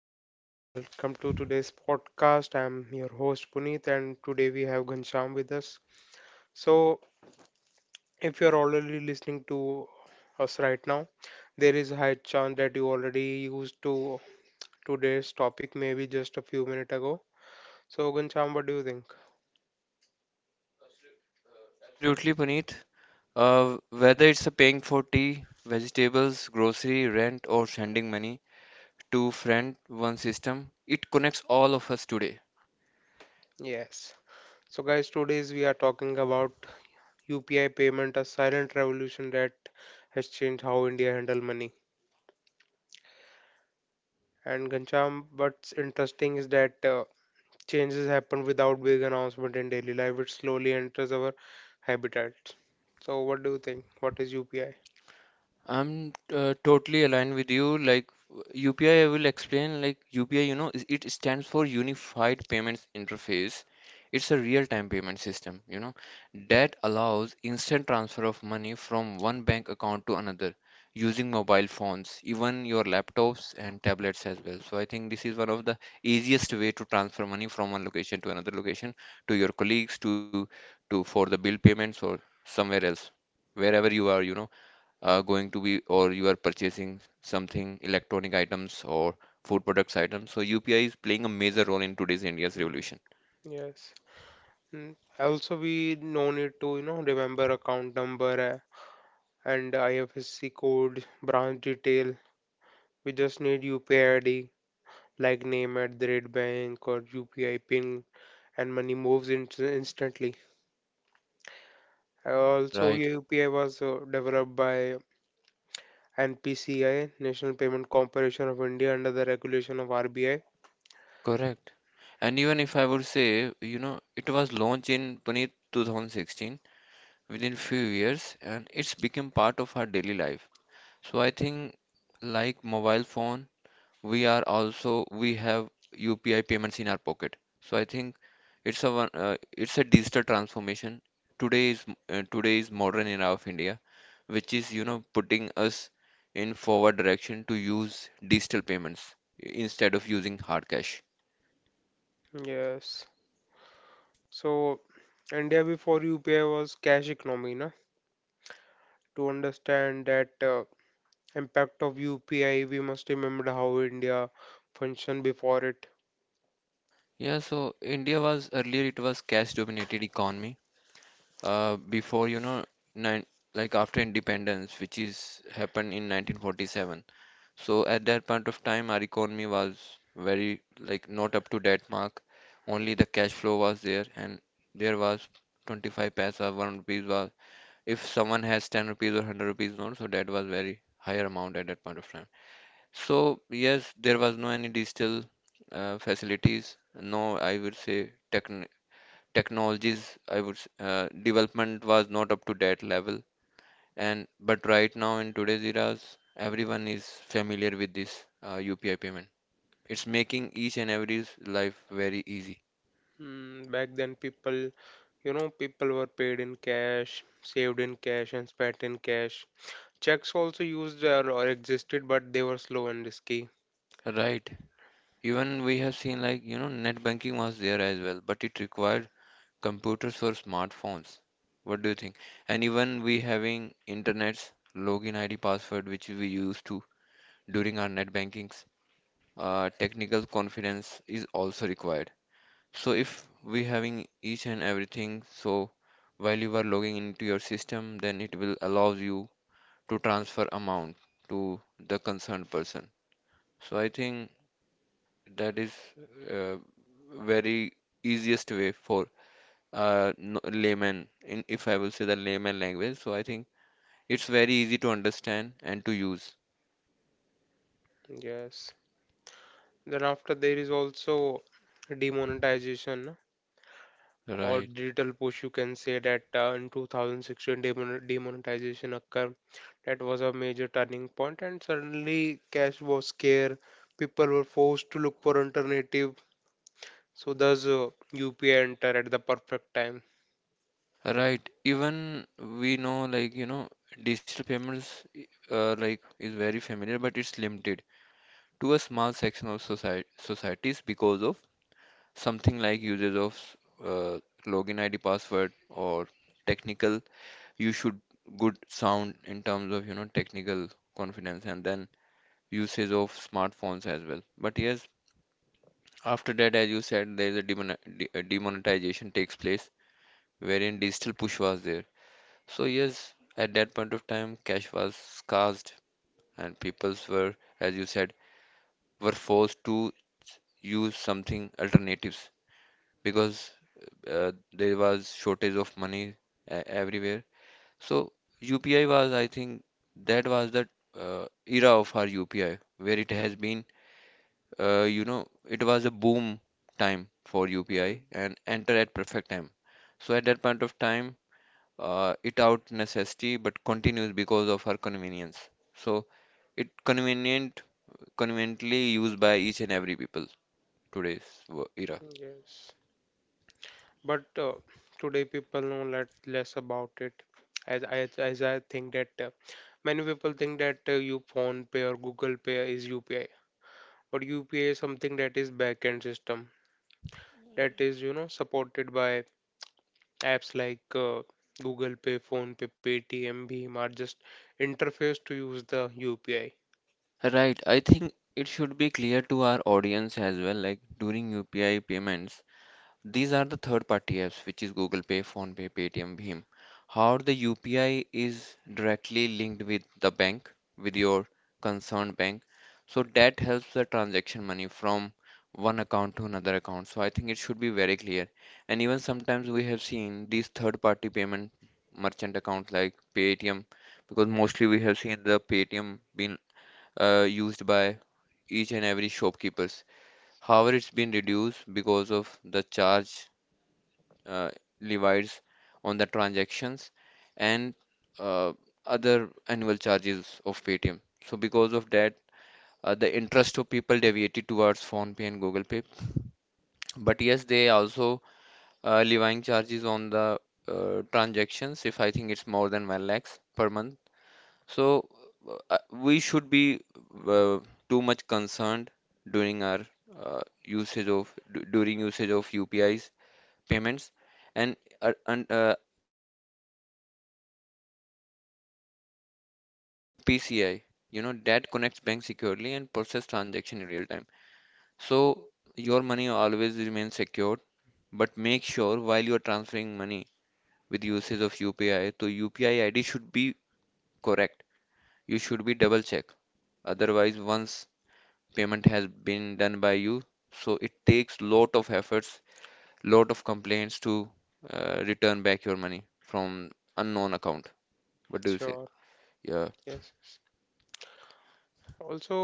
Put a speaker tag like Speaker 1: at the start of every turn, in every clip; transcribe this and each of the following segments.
Speaker 1: hello everyone, welcome to today's podcast. I'm your host Puneet, and today we have Ghanshyam with us. So, if you're already listening to us right now, there is a high chance that you already used to today's topic maybe just a few minutes ago. So, Ghanshyam, what do you think?
Speaker 2: Absolutely, Puneet. Whether it's a paying for tea, vegetables, grocery, rent, or sending money to friend one system, it connects all of us today.
Speaker 1: Yes. So, guys, today's we are talking about UPI payment, a silent revolution that has changed how India handle money. And Ghanshyam, what's interesting is that changes happen without big announcement in daily life. It slowly enters our habitats. So, what do you think? What is UPI?
Speaker 2: I'm totally aligned with you. Like UPI, I will explain. Like UPI, it stands for Unified Payments Interface. It's a real-time payment system, that allows instant transfer of money from one bank account to another using mobile phones, even your laptops and tablets as well. So I think this is one of the easiest way to transfer money from one location to another location to your colleagues, to for the bill payments or somewhere else, wherever you are, going to be or you are purchasing something electronic items or food products items. So UPI is playing a major role in today's India's revolution.
Speaker 1: Yes. Mm. Also, we no need to remember account number and IFSC code, branch detail. We just need UPI ID like name at the rate bank or UPI pin, and money moves in instantly. Also,
Speaker 2: Right,
Speaker 1: UPI was developed by and PCI National Payment Corporation of India, under the regulation of RBI.
Speaker 2: correct. And even if I would say, you know, it was launched in Puneet 2016 within few years and it's become part of our daily life. So I think like mobile phone we are also we have UPI payments in our pocket. So I think it's a digital transformation. Today is modern era of India, which is you know putting us in forward direction to use digital payments instead of using hard cash.
Speaker 1: Yes. So, India before UPI was cash economy, na? To understand that impact of UPI, we must remember how India functioned before it.
Speaker 2: Yeah, so India was earlier it was cash dominated economy. Before you know nine like after independence, which is happened in 1947. So at that point of time, our economy was very like not up to that mark. Only the cash flow was there, and there was 25 paisa, one rupees was. If someone has 10 rupees or 100 rupees note, so that was very higher amount at that point of time. So yes, there was no any digital facilities, no I would say technologies. Development was not up to that level and but right now in today's eras, everyone is familiar with this UPI payment. It's making each and every's life very easy.
Speaker 1: Mm, back then, people were paid in cash, saved in cash, and spent in cash. Checks also used or existed, but they were slow and risky.
Speaker 2: Right. Even we have seen like, you know, net banking was there as well, but it required computers for smartphones. What do you think? And even we having internet's login ID password which we used to during our net bankings, technical confidence is also required. So if we having each and everything, so while you are logging into your system, then it will allows you to transfer amount to the concerned person. So I think that is uh, very easiest way for layman, in if I will say the layman language. So I think it's very easy to understand and to use.
Speaker 1: Yes. Then after there is also demonetization or
Speaker 2: Right.
Speaker 1: digital push. You can say that in 2016 demonetization occurred. That was a major turning point, and suddenly cash was scarce. People were forced to look for alternative. So thus UPI enter at the perfect time.
Speaker 2: Right. Even we know like you know digital payments like is very familiar, but it's limited to a small section of society societies because of something like usage of uh, login ID password or technical you should good sound in terms of you know technical confidence and then usage of smartphones as well, but yes, after that, as you said, there is a demonetization takes place wherein digital push was there. So yes, at that point of time cash was scarce and peoples were, as you said, were forced to use something alternatives because there was shortage of money everywhere. So UPI was, I think, that was the era of our UPI where it has been, you know, it was a boom time for
Speaker 1: Mm.
Speaker 2: UPI and enter at perfect time. So at that point of time, it out necessity but continues because of our convenience. So it convenient, conveniently used by each and every people today's era.
Speaker 1: Yes. But today people know lot less about it, as i as I think that many people think that you phone pay or Google Pay is UPI, but UPI is something that is backend system that is, you know, supported by apps like Google Pay, phone pay paytm, Beam are just interface to use the UPI.
Speaker 2: Right, I think it should be clear to our audience as well, like during UPI payments, these are the third-party apps, which is Google Pay, PhonePe, Paytm, Bhim. How the UPI is directly linked with the bank, with your concerned bank, so that helps the transaction money from one account to another account. So I think it should be very clear. And even sometimes we have seen these third-party payment merchant accounts like Paytm, because mostly we have seen the Paytm being used by each and every shopkeepers. However, it's been reduced because of the charge uh, levies on the transactions and uh, other annual charges of Paytm. So because of that, the interest of people deviated towards PhonePe and Google Pay. But yes, they also levying charges on the transactions if I think it's more than 1 lakhs per month. So we should be uh, too much concerned during our usage of UPI's payments, and and along with this we having another points as well like which is NPCI. You know that connects bank securely and process transaction in real time. So your money always remains secured, but make sure while you are transferring money with usage of UPI, to UPI ID should be correct. You should be double check. Otherwise, once payment has been done by you, so it takes lot of efforts, lot of complaints to return back your money from unknown account. What do you say?
Speaker 1: Sure.
Speaker 2: Yeah,
Speaker 1: Yes, yes. Also,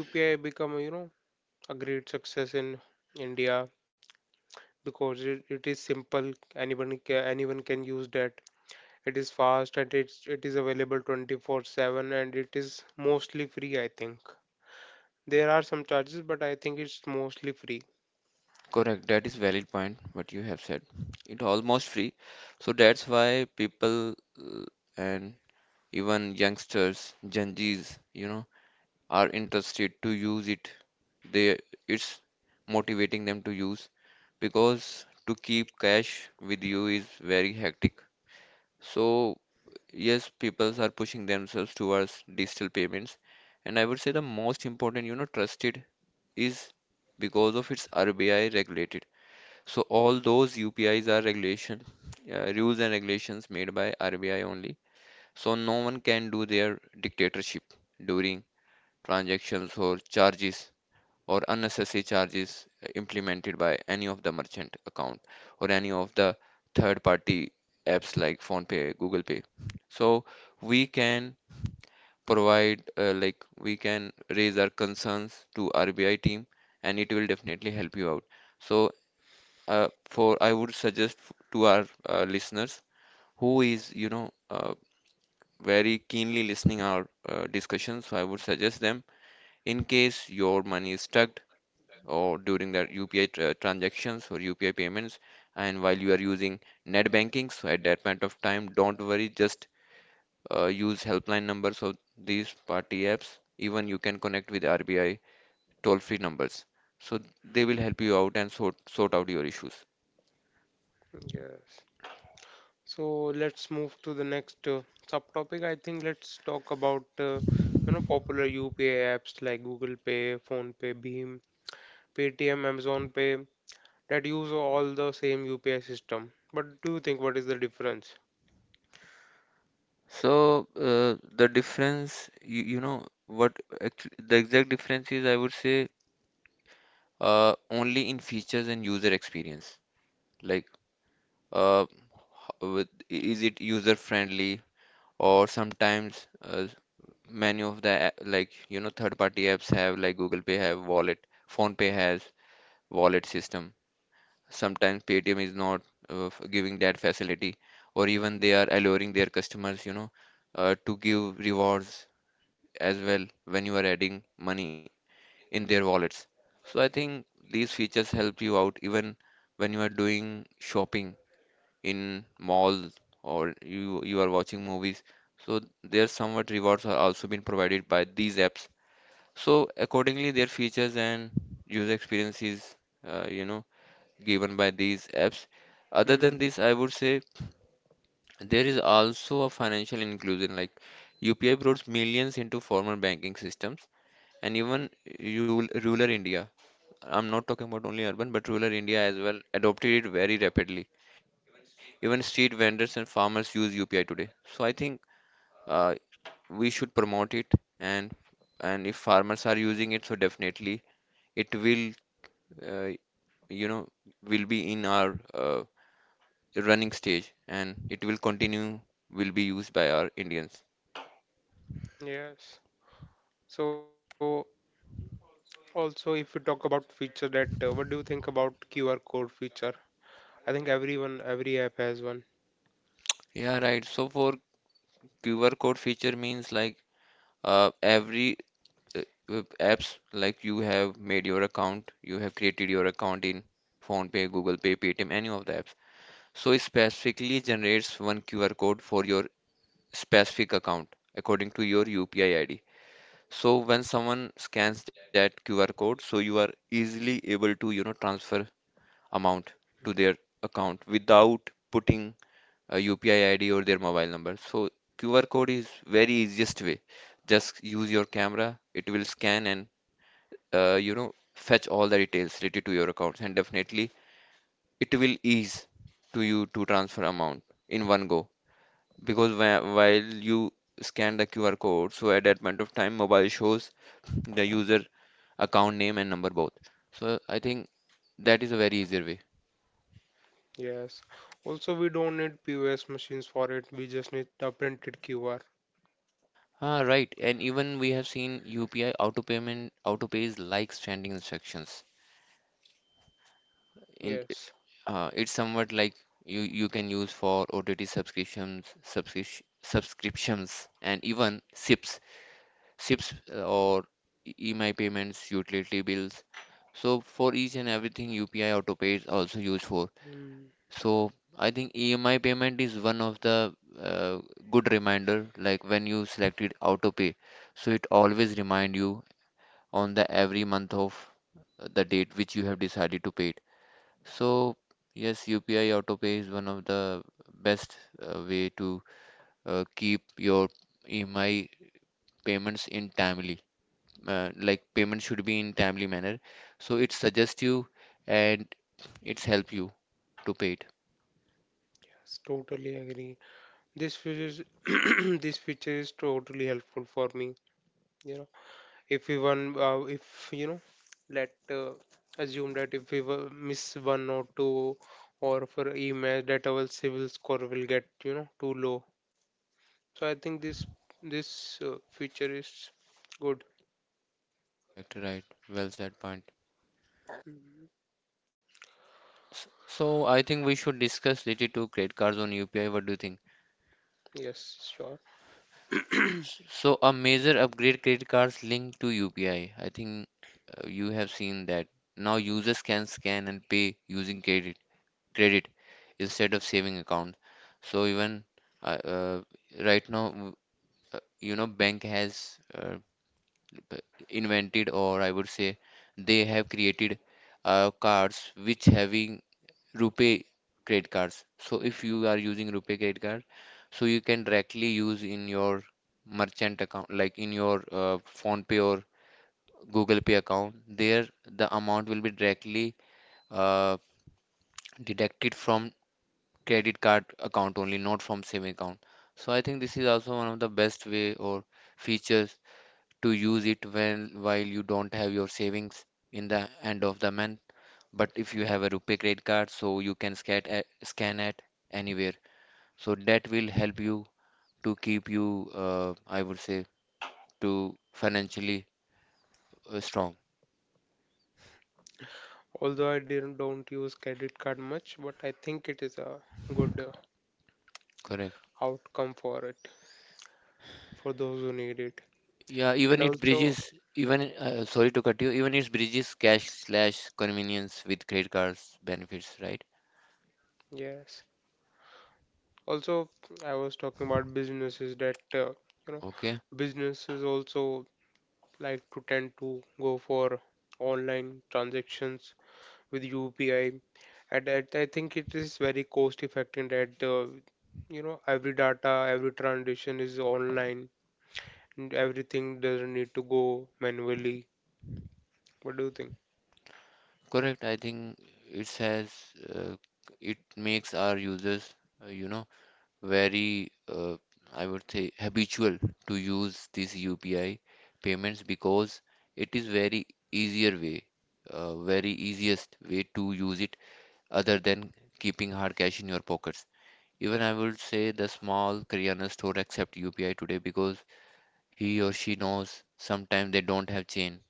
Speaker 1: UPI become, you know, a great success in India because it is simple, anyone can use that. It is fast and it is available 24/7, and it is mostly free, I think. There are some charges, but I think it's mostly free.
Speaker 2: correct. That is valid point. What you have said. It almost free, so that's why people and even youngsters, Gen Zs, you know, are interested to use it. They it's motivating them to use because to keep cash with you is very hectic. So yes, people are pushing themselves towards digital payments, and I would say the most important you know trusted is because of its RBI regulated. So all those UPIs are regulation, rules and regulations made by RBI only, so no one can do their dictatorship during transactions or charges or unnecessary charges implemented by any of the merchant account or any of the third party apps like PhonePe, Google Pay. So we can provide like we can raise our concerns to RBI team and it will definitely help you out. So for I would suggest f- to our listeners who is you know very keenly listening our discussion, so I would suggest them, in case your money is stuck or during the UPI transactions or UPI payments and while you are using net banking. So at that point of time, don't worry, just use helpline numbers of these party apps. Even you can connect with RBI toll-free numbers. So they will help you out and sort out your issues.
Speaker 1: Yes. So let's move to the next subtopic. I think let's talk about you know, popular UPI apps like Google Pay, phone pay beam paytm, Amazon Pay that use all the same UPI system, but do you think what is the difference?
Speaker 2: So, the difference, you know, what actually, the exact difference is, I would say, only in features and user experience. Like, uh, h- with, is it user friendly? Or sometimes many of the like you know third party apps have, like Google Pay have wallet, Phone Pay has wallet system. Sometimes Paytm is not giving that facility, or even they are alluring their customers, you know, to give rewards as well when you are adding money in their wallets. So I think these features help you out even when you are doing shopping in malls or you are watching movies, so their somewhat rewards are also been provided by these apps. So accordingly their features and user experiences, uh, you know given by these apps. Other than
Speaker 1: Mm.
Speaker 2: this I would say there is also a financial inclusion. Like UPI brought millions into formal banking systems and even rural India. I'm not talking about only urban, but rural India as well adopted it very rapidly. Even street vendors and farmers use UPI today. So I think uh, we should promote it, and and if farmers are using it, so definitely it will, uh, you know, will be in our running stage, and it will continue, will be used by our Indians.
Speaker 1: Yes. So also, if you talk about feature that, what do you think about QR code feature? I think everyone, every app has one.
Speaker 2: Yeah, right. So for QR code feature means like every uh, apps like you have made your account, you have created your account in PhonePe, Google Pay, Paytm, any of the apps. So it specifically generates one QR code for your specific account according to your UPI ID. So when someone scans that QR code, so you are easily able to, you know, transfer amount to their account without putting a UPI ID or their mobile number. So QR code is very easiest way. Just use your camera, it will scan and you know fetch all the details related to your account, and definitely it will ease to you to transfer amount in one go. Because while you scan the QR code, so at that point of time, mobile shows the user account name and number both. So I think that is a very easier way.
Speaker 1: Yes. Also, we don't need POS machines for it. We just need the printed QR.
Speaker 2: Ah, right. And even we have seen UPI auto payment auto pays like standing instructions. In
Speaker 1: Yes.
Speaker 2: it's somewhat like you can use for OTT subscriptions, subscriptions, and even SIPs. Ships or EMI payments, utility bills. So for each and everything, UPI AutoPay is also used for.
Speaker 1: Mm,
Speaker 2: So I think EMI payment is one of the uh, good reminder. Like when you selected AutoPay, so it always remind you on the every month of the date which you have decided to pay it. So yes, UPI AutoPay is one of the best way to keep your EMI payments in timely like payment should be in timely manner. So it suggests you and it's help you to pay it.
Speaker 1: yes, totally agree. This feature, is- this feature is totally helpful for me. You know, if we won, if you know, let assume that if we were miss one or two or for e match that our civil score will get, you know, too low. So I think this feature is good.
Speaker 2: Correct, right. Well said point.
Speaker 1: Mm.
Speaker 2: So I think we should discuss related to credit cards on UPI. What do you think?
Speaker 1: Yes, sure.
Speaker 2: So a major upgrade credit cards linked to UPI. I think you have seen that. Now users can scan and pay using credit instead of saving account. So even uh, uh, right now, you know, bank has uh, uh, invented, or I would say they have created cards which having rupee credit cards. So if you are using rupee credit card, so you can directly use in your merchant account, like in your Phone Pay or Google Pay account. There the amount will be directly uh, deducted from credit card account only, not from saving account. So I think this is also one of the best way or features to use it when while you don't have your savings in the end of the month, but if you have a rupee credit card, so you can scan at anywhere, so that will help you to keep you, I would say, to financially strong.
Speaker 1: Although I didn't don't use credit card much, but I think it is a good
Speaker 2: Correct.
Speaker 1: outcome for it, for those who need it.
Speaker 2: Yeah,
Speaker 1: And
Speaker 2: even it
Speaker 1: also,
Speaker 2: bridges, even sorry to cut you, even it bridges cash slash convenience with credit cards benefits, right?
Speaker 1: yes. Also, I was talking about businesses that you know,
Speaker 2: Okay.
Speaker 1: businesses also like to tend to go for online transactions with UPI, and that I think it is very cost effective that you know, every data, every transaction is online, and everything doesn't need to go manually. What do you think?
Speaker 2: Correct, I think it says uh, it makes our users, you know, very, I would say, habitual to use this UPI payments because it is very easier way, very easiest way to use it, other than keeping hard cash in your pockets. Even I would say the small Kirana store accept UPI today because he or she knows sometimes they don't have chain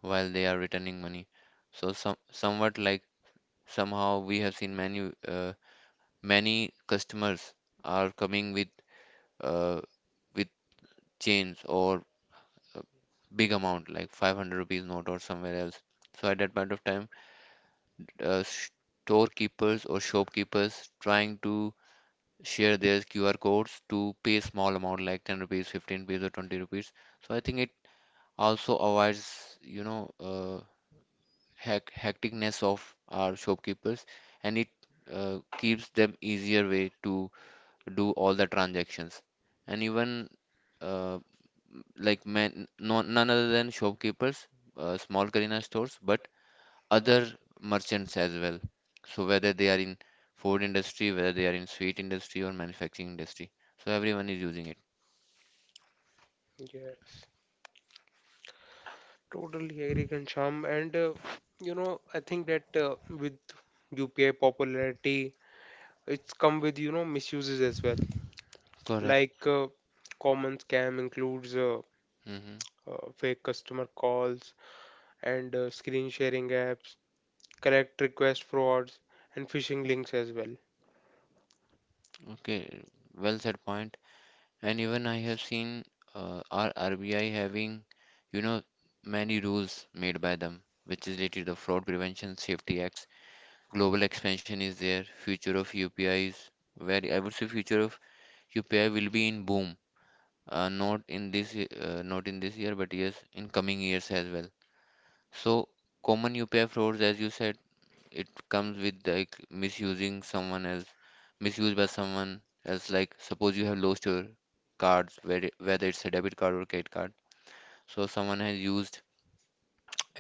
Speaker 2: while they are returning money. So somewhat like somehow we have seen many many customers are coming with uh, with change or a big amount like 500 rupees note or somewhere else. So at that point of time, storekeepers or shopkeepers trying to share their QR codes to pay small amount like 10 rupees, 15 rupees or 20 rupees. So I think it also avoids, hec- hecticness of our shopkeepers, and it keeps them easier way to do all the transactions. And even uh, like man, no, none other than shopkeepers, small Kirana stores, but other merchants as well. So whether they are in food industry, whether they are in sweet industry or manufacturing industry, so everyone is using it.
Speaker 1: Yes. Totally agree, Ghanshyam. And you know, I think that with UPI popularity, it's come with, you know, misuses as well,
Speaker 2: Correct.
Speaker 1: like common scam includes
Speaker 2: Mm-hmm.
Speaker 1: fake customer calls and screen sharing apps, correct request frauds, and phishing links as well.
Speaker 2: Okay, well said point. And even I have seen our RBI having, you know, many rules made by them, which is related to the Fraud Prevention Safety Act. Global expansion is there. Future of UPI is, where I would say future of UPI will be in boom, not in this year, but yes in coming years as well. So common UPI frauds, as you said, it comes with like misusing someone else, misused by someone else. Like suppose you have lost your cards, where whether it's a debit card or credit card, so someone has used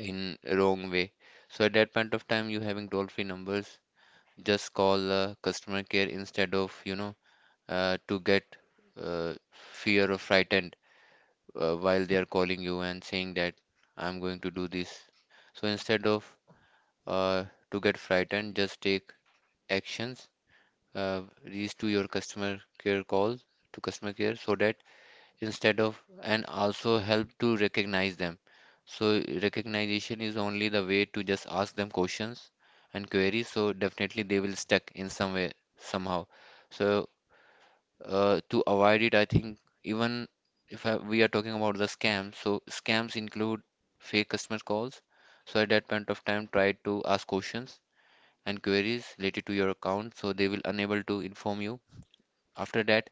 Speaker 2: in wrong way. So at that point of time, you having toll free numbers, just call customer care, instead of, you know, to get fear or frightened while they are calling you and saying that I'm going to do this. So instead of uh, to get frightened, just take actions, reach to your customer care, call to customer care, so that instead of, and also help to recognize them. So recognition is only the way, to just ask them questions and queries, so definitely they will stuck in some way somehow. So to avoid it, I think, even if I, we are talking about the scams, so scams include fake customer calls. So at that point of time, try to ask questions and queries related to your account, so they will unable to inform you after that.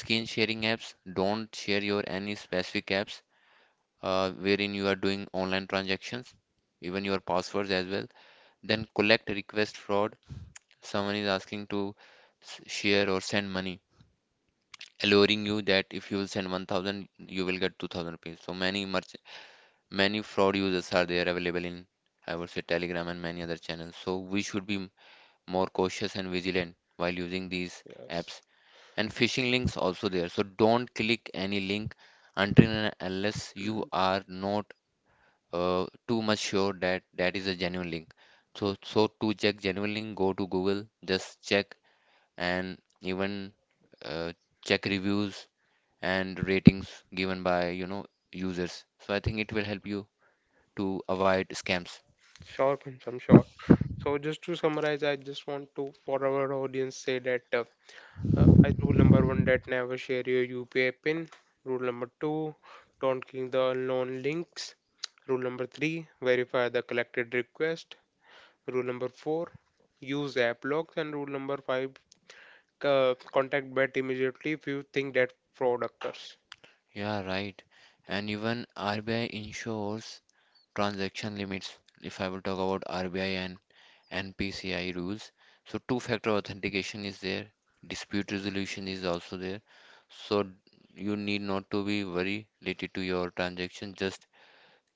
Speaker 2: Screen sharing apps, don't share your any specific apps wherein you are doing online transactions, even your passwords as well. Then collect request fraud. Someone is asking to share or send money, alluring you that if you will send 1000, you will get 2000 rupees. So many fraud users are there available in, I would say, Telegram and many other channels. So we should be more cautious and vigilant while using these
Speaker 1: Yes.
Speaker 2: apps. And phishing links also there. So don't click any link until and unless you
Speaker 1: Mm.
Speaker 2: are not too much sure that that is a genuine link. So, so to check genuine link, go to Google, just check, and even uh, check reviews and ratings given by, you know, users. So I think it will help you to avoid scams.
Speaker 1: Sure, Kunsh, I'm sure. So just to summarize, I just want to for our audience say that rule number one, that never share your UPI pin. Rule number two, don't click the unknown links. Rule number three, verify the collected request. Rule number four, use app logs. And rule number five, contact BET immediately if you think that fraud occurs.
Speaker 2: Yeah, right. And even RBI ensures transaction limits. If I will talk about RBI and NPCI rules, so two-factor authentication is there, dispute resolution is also there. So you need not to be worried related to your transaction. Just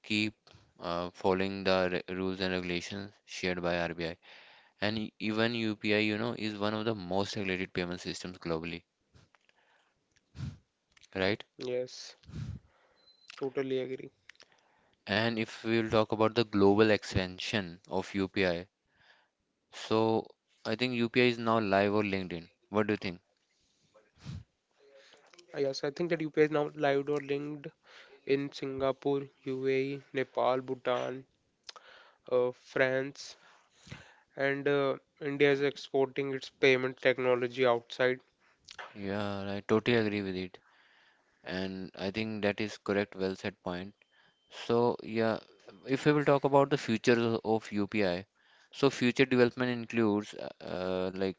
Speaker 2: keep following the rules and regulations shared by RBI. And even UPI, you know, is one of the most regulated payment systems globally, right?
Speaker 1: Yes, totally agree.
Speaker 2: And if we'll talk about the global expansion of UPI, so I think UPI is now live on LinkedIn. What do you think?
Speaker 1: Yes, I think that UPI is now live or linked in Singapore, UAE, Nepal, Bhutan, France, and India is exporting its payment technology outside.
Speaker 2: Yeah, I totally agree with it. And I think that is correct, well said point. So yeah, if we will talk about the future of UPI, so future development includes, like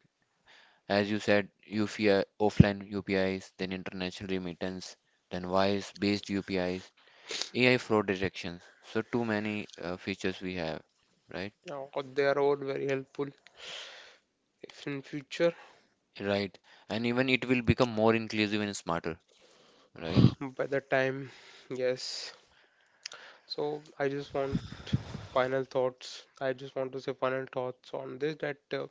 Speaker 2: as you said, UPI offline UPIs, then international remittance, then voice based UPIs, AI fraud detections. So too many features we have, right?
Speaker 1: Now, they are all very helpful. If in future,
Speaker 2: Right. And even it will become more inclusive and smarter, right?
Speaker 1: by the time, yes. So I just want final thoughts. I just want to say final thoughts on this, that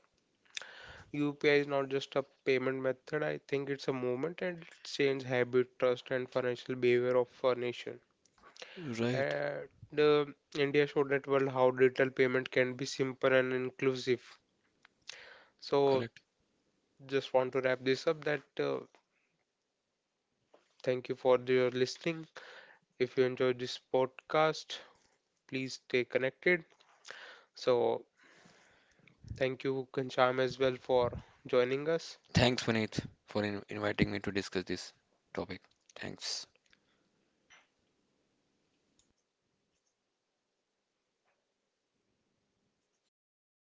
Speaker 1: UPI is not just a payment method. I think it's a movement, and it's changed habit, trust, and financial behavior of our nation.
Speaker 2: Right.
Speaker 1: And India showed that world how digital payment can be simple and inclusive. So
Speaker 2: Correct.
Speaker 1: just want to wrap this up. That thank you for your listening. If you enjoyed this podcast, please stay connected. So thank you, Kancham, as well for joining us.
Speaker 2: Thanks, Puneet, for in inviting me to discuss this topic. Thanks.